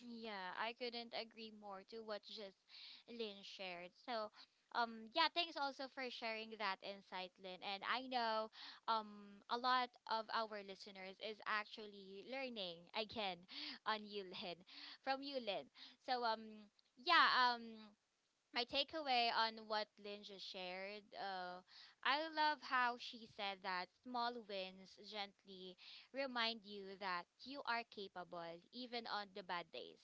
Yeah, I couldn't agree more to what just Lynn shared. So, yeah, thanks also for sharing that insight, Lynn. And I know, a lot of our listeners is actually learning again [laughs] on you, Lynn, from you, Lynn. So, yeah, my takeaway on what Lynn just shared, I love how she said that small wins gently remind you that you are capable even on the bad days.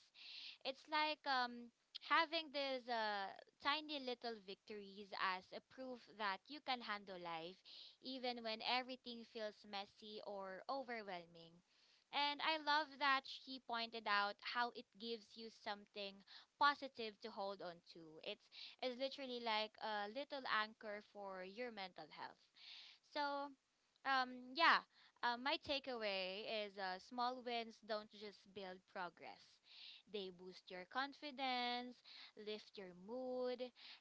It's like having these tiny little victories as a proof that you can handle life, even when everything feels messy or overwhelming. And I love that she pointed out how it gives you something positive to hold on to. It's literally like a little anchor for your mental health. So, yeah, my takeaway is small wins don't just build progress. They boost your confidence, lift your mood,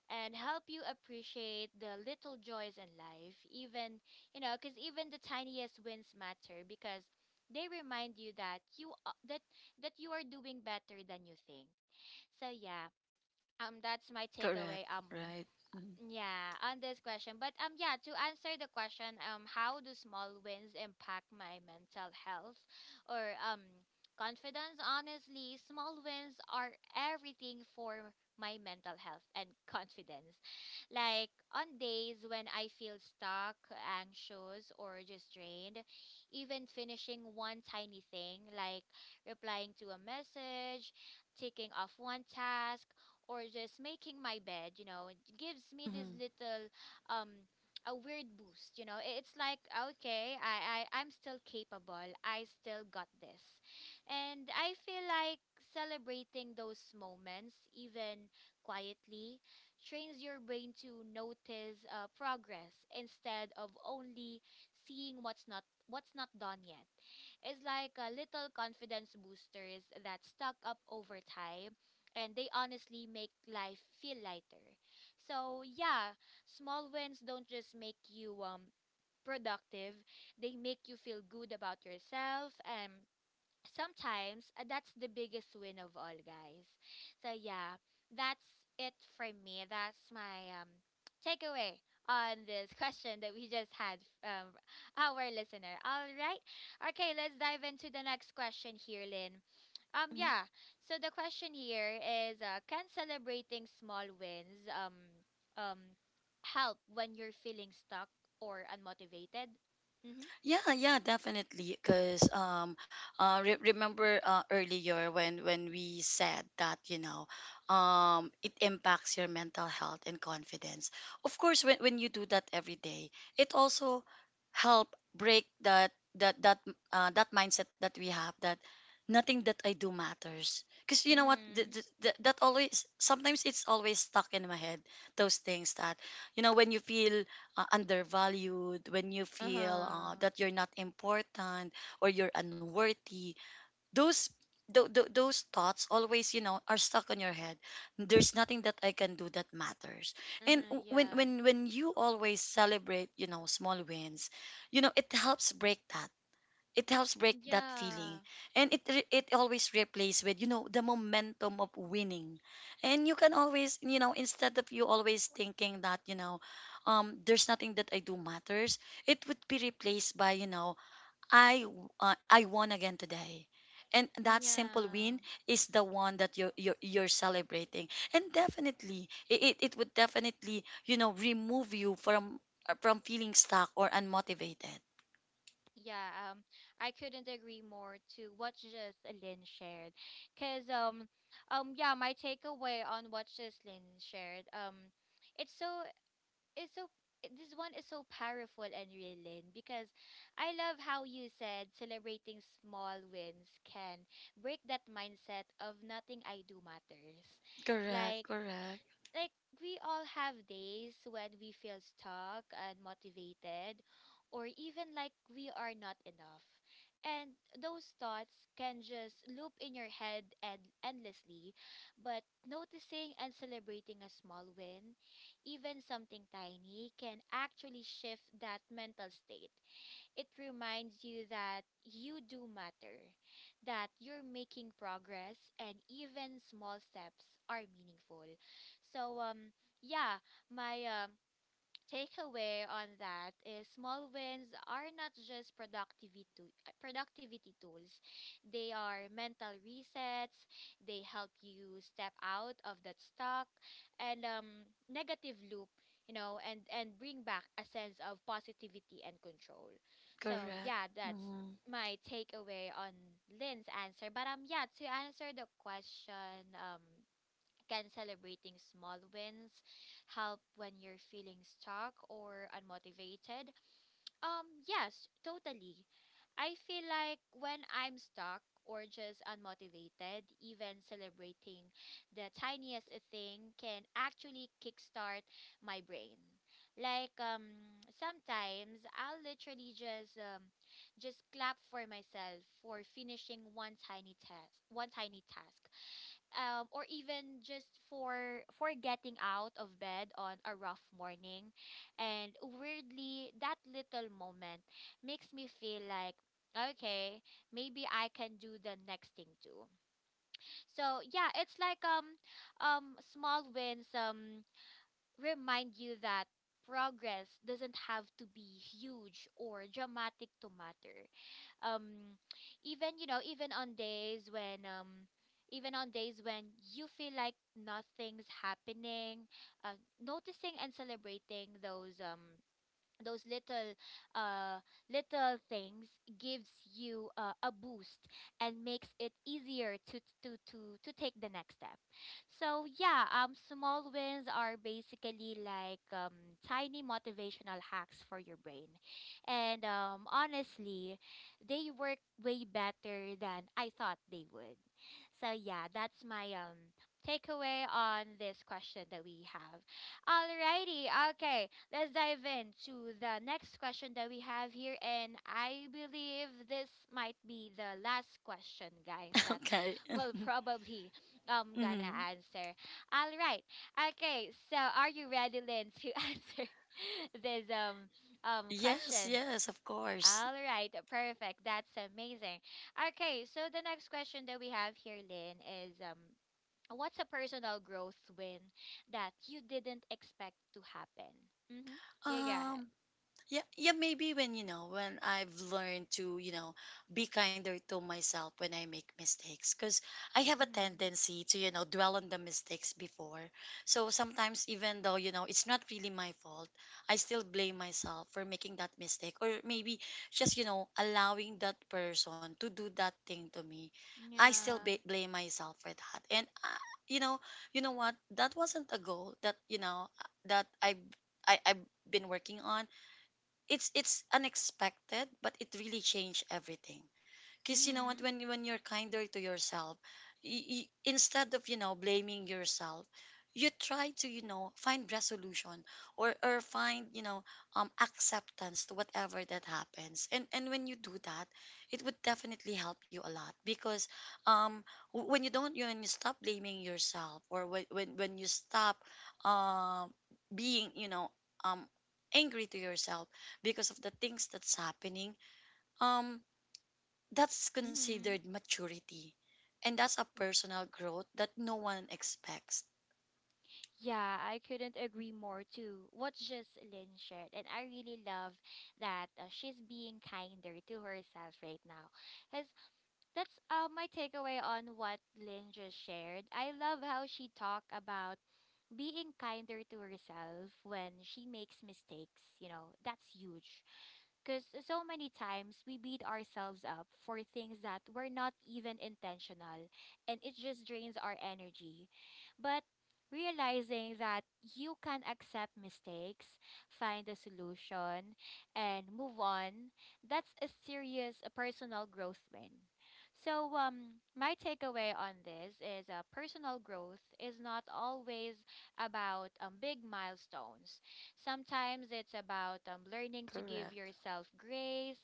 and help you appreciate the little joys in life. Even, you know, because even the tiniest wins matter because they remind you that that you are doing better than you think. So yeah, that's my Correct. takeaway. Right. Mm-hmm. Yeah, on this question. But yeah, to answer the question, how do small wins impact my mental health or confidence? Honestly, small wins are everything for my mental health and [laughs] confidence. Like on days when I feel stuck, anxious, or just drained, even finishing one tiny thing like replying to a message, ticking off one task, or just making my bed, you know, it gives me this little um a weird boost, you know. It's like okay, I'm still capable. I still got this. And I feel like celebrating those moments even quietly trains your brain to notice progress instead of only seeing what's not done yet. It's like a little confidence boosters that stock up over time, and they honestly make life feel lighter. So, yeah, small wins don't just make you productive, they make you feel good about yourself, and sometimes that's the biggest win of all, guys. So yeah, that's it for me. That's my takeaway on this [laughs] question that we just had um our listener. All right okay, let's dive into the next question here, Lynn. Yeah, so the question here is can celebrating small wins um help when you're feeling stuck or unmotivated? Mm-hmm. Yeah, yeah, definitely. Because remember earlier when we said that you know, it impacts your mental health and confidence. Of course, when you do that every day, it also help break that mindset that we have that nothing that I do matters. Because you know what, Mm-hmm. That always, sometimes it's always stuck in my head. Those things that, you know, when you feel undervalued, when you feel Uh-huh. that you're not important, or you're unworthy, those those thoughts always, you know, are stuck on your head, there's nothing that I can do that matters. And Uh-huh, yeah. When you always celebrate, you know, small wins, you know it helps break that, it helps break that feeling, Yeah. and it it always replaces with, you know, the momentum of winning. And you can always, you know, instead of you always thinking that, you know, there's nothing that I do matters, it would be replaced by, you know, I won again today. And that simple Yeah. win is the one that you're you're celebrating. And definitely it it would definitely, you know, remove you from feeling stuck or unmotivated. Yeah, I couldn't agree more to what just Lynn shared. Cause yeah, my takeaway on what just Lynn shared, it's so it's so this one is so powerful and real, Lynn, because I love how you said celebrating small wins can break that mindset of nothing I do matters. Correct. Like Correct. like we all have days when we feel stuck and motivated, or even like we are not enough, and those thoughts can just loop in your head and endlessly. But noticing and celebrating a small win, even something tiny, can actually shift that mental state. It reminds you that you do matter, that you're making progress, and even small steps are meaningful. So, yeah, my takeaway on that is small wins are not just productivity productivity tools. They are mental resets. They help you step out of that stuck and negative loop, you know, and bring back a sense of positivity and control. So Correct. yeah, that's Hmm. my takeaway on Lynn's answer. But yeah, to answer the question, can celebrating small wins help when you're feeling stuck or unmotivated? Yes, totally. I feel like when I'm stuck or just unmotivated, even celebrating the tiniest thing can actually kickstart my brain. Like sometimes I'll literally just clap for myself for finishing one tiny task or even just for getting out of bed on a rough morning. And weirdly that little moment makes me feel like okay, maybe I can do the next thing too. So yeah, it's like small wins remind you that progress doesn't have to be huge or dramatic to matter. um even you know even on days when Even on days when you feel like nothing's happening, uh, noticing and celebrating those little uh little things gives you a boost, and makes it easier to take the next step. So yeah, um, small wins are basically like tiny motivational hacks for your brain, and honestly they work way better than I thought they would. So yeah, that's my takeaway on this question that we have. Alrighty. Okay, let's dive into the next question that we have here. And I believe this might be the last question, guys, [laughs] that Okay. [laughs] [laughs] we'll probably gonna Hmm. answer. All right. Okay, so are you ready, Lynn, to [laughs] answer this Yes, question? yes, of course. All right, perfect. That's amazing. Okay, so the next question that we have here, Lynn, is what's a personal growth win that you didn't expect to happen? Mm-hmm. You go ahead. Um, Yeah, yeah, maybe when you know when I've learned to, you know, be kinder to myself when I make mistakes, because I have a Mm-hmm. tendency to, you know, dwell on the mistakes before. So sometimes even though, you know, it's not really my fault, I still blame myself for making that mistake, or maybe just, you know, allowing that person to do that thing to me. I still Yeah. Blame myself for that, and you know, you know what, that wasn't a goal that, you know, that I I've been working on. It's unexpected, but it really changed everything. Because you know what, Mm-hmm. When you're kinder to yourself, instead of, you know, blaming yourself, you try to, you know, find resolution, or find, you know, acceptance to whatever that happens. And when you do that, it would definitely help you a lot, because um when you don't, when you stop blaming yourself, or when you stop um being, you know, um angry to yourself because of the things that's happening, um that's Mm-hmm. considered maturity. And that's a personal growth that no one expects. Yeah, I couldn't agree more too. What just Lynn shared, and I really love that she's being kinder to herself right now. As that's my takeaway on what Lynn just shared. I love how she talked about being kinder to herself when she makes mistakes. You know, that's huge. Because so many times we beat ourselves up for things that were not even intentional, and it just drains our energy. But realizing that you can accept mistakes, find a solution, and move on, that's a serious personal growth win. So, my takeaway on this is personal growth is not always about big milestones. Sometimes it's about learning to give Correct. yourself grace,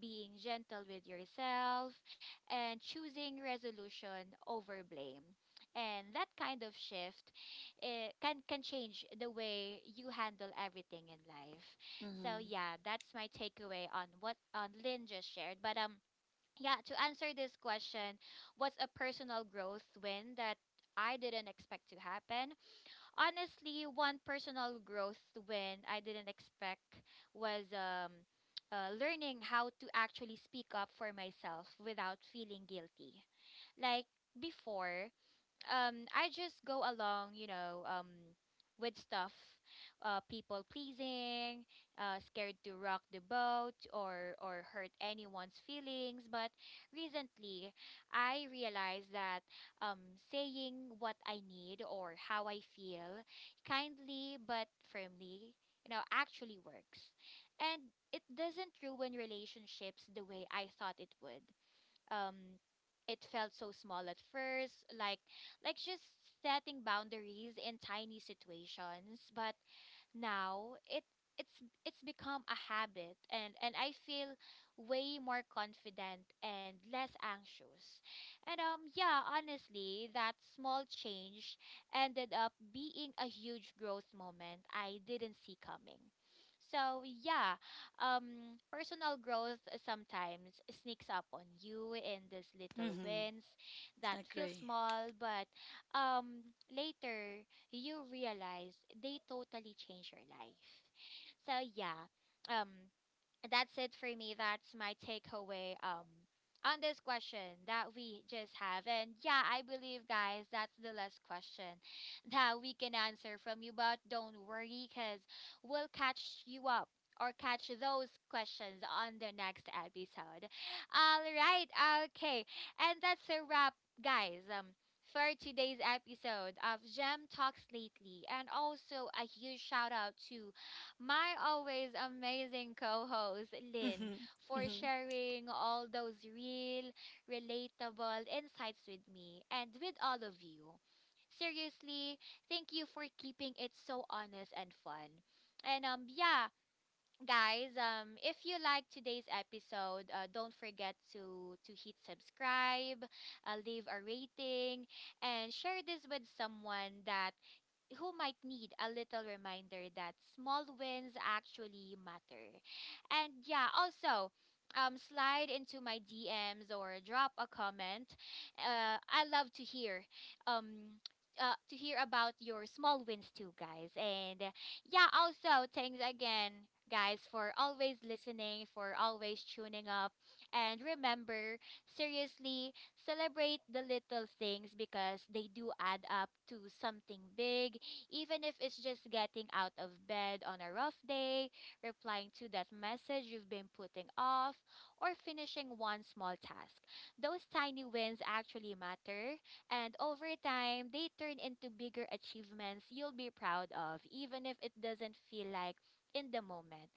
being gentle with yourself, and choosing resolution over blame. And that kind of shift eh, can change the way you handle everything in life. So Mm-hmm. yeah, that's my takeaway on what on Lynn just shared. But yeah, to answer this question, what's a personal growth win that I didn't expect to happen? Honestly, one personal growth when I didn't expect was learning how to actually speak up for myself without feeling guilty. Like before, I just go along, you know, with stuff, people pleasing, scared to rock the boat or hurt anyone's feelings. But recently I realized that saying what I need or how I feel kindly but firmly, you know, actually works. And it doesn't ruin relationships the way I thought it would. Um, it felt so small at first, like just setting boundaries in tiny situations. But now it's it's become a habit, and I feel way more confident and less anxious. And yeah, honestly, that small change ended up being a huge growth moment I didn't see coming. So yeah, personal growth sometimes sneaks up on you in these little Mm-hmm. wins that feel Agree. small but um later you realize they totally change your life. So yeah, um that's it for me. That's my takeaway on this question that we just have. And yeah, I believe guys, that's the last question [laughs] that we can answer from you, but don't worry cuz we'll catch you up, or catch those questions on the next episode. [laughs] All right. Okay. And that's a wrap, guys. Um, for today's episode of Gem Talks Lately, and also a huge shout out to my always amazing co host, Lynn, Mm-hmm. for Mm-hmm. sharing all those real, relatable insights with me and with all of you. Seriously, thank you for keeping it so honest and fun. And yeah, guys, if you like today's episode, don't forget to hit subscribe, leave a rating, and share this with someone that who might need a little reminder that small wins actually matter. And yeah, also, slide into my DMs or drop a comment. I love um, to hear about your small wins too, guys. And yeah, also, thanks again, guys, for always listening, for always tuning up. And remember, seriously, celebrate the little things because they do add up to something big, even if it's just getting out of bed on a rough day, replying to that message you've been putting off, or finishing one small task. Those tiny wins actually matter, and over time, they turn into bigger achievements you'll be proud of, even if it doesn't feel like in the moment.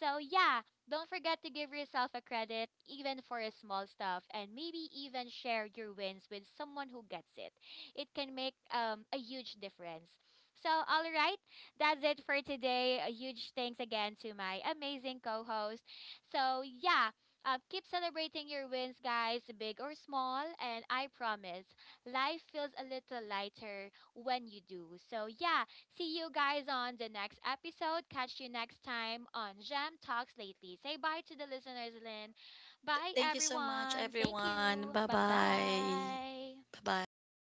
So, yeah, don't forget to give yourself a credit, even for a small stuff, and maybe even share your wins with someone who gets it. It can make a huge difference. So, all right, that's it for today. A huge thanks again to my amazing co host. So, yeah, keep celebrating your wins, guys, big or small. And I promise, life feels a little lighter when you do. So, yeah, see you guys on the next episode. Catch you next time on Gem Talks Lately. Say bye to the listeners, Lynn. Bye, Thank you so much, everyone. Thank everyone. you. Bye Bye bye. bye. Bye bye.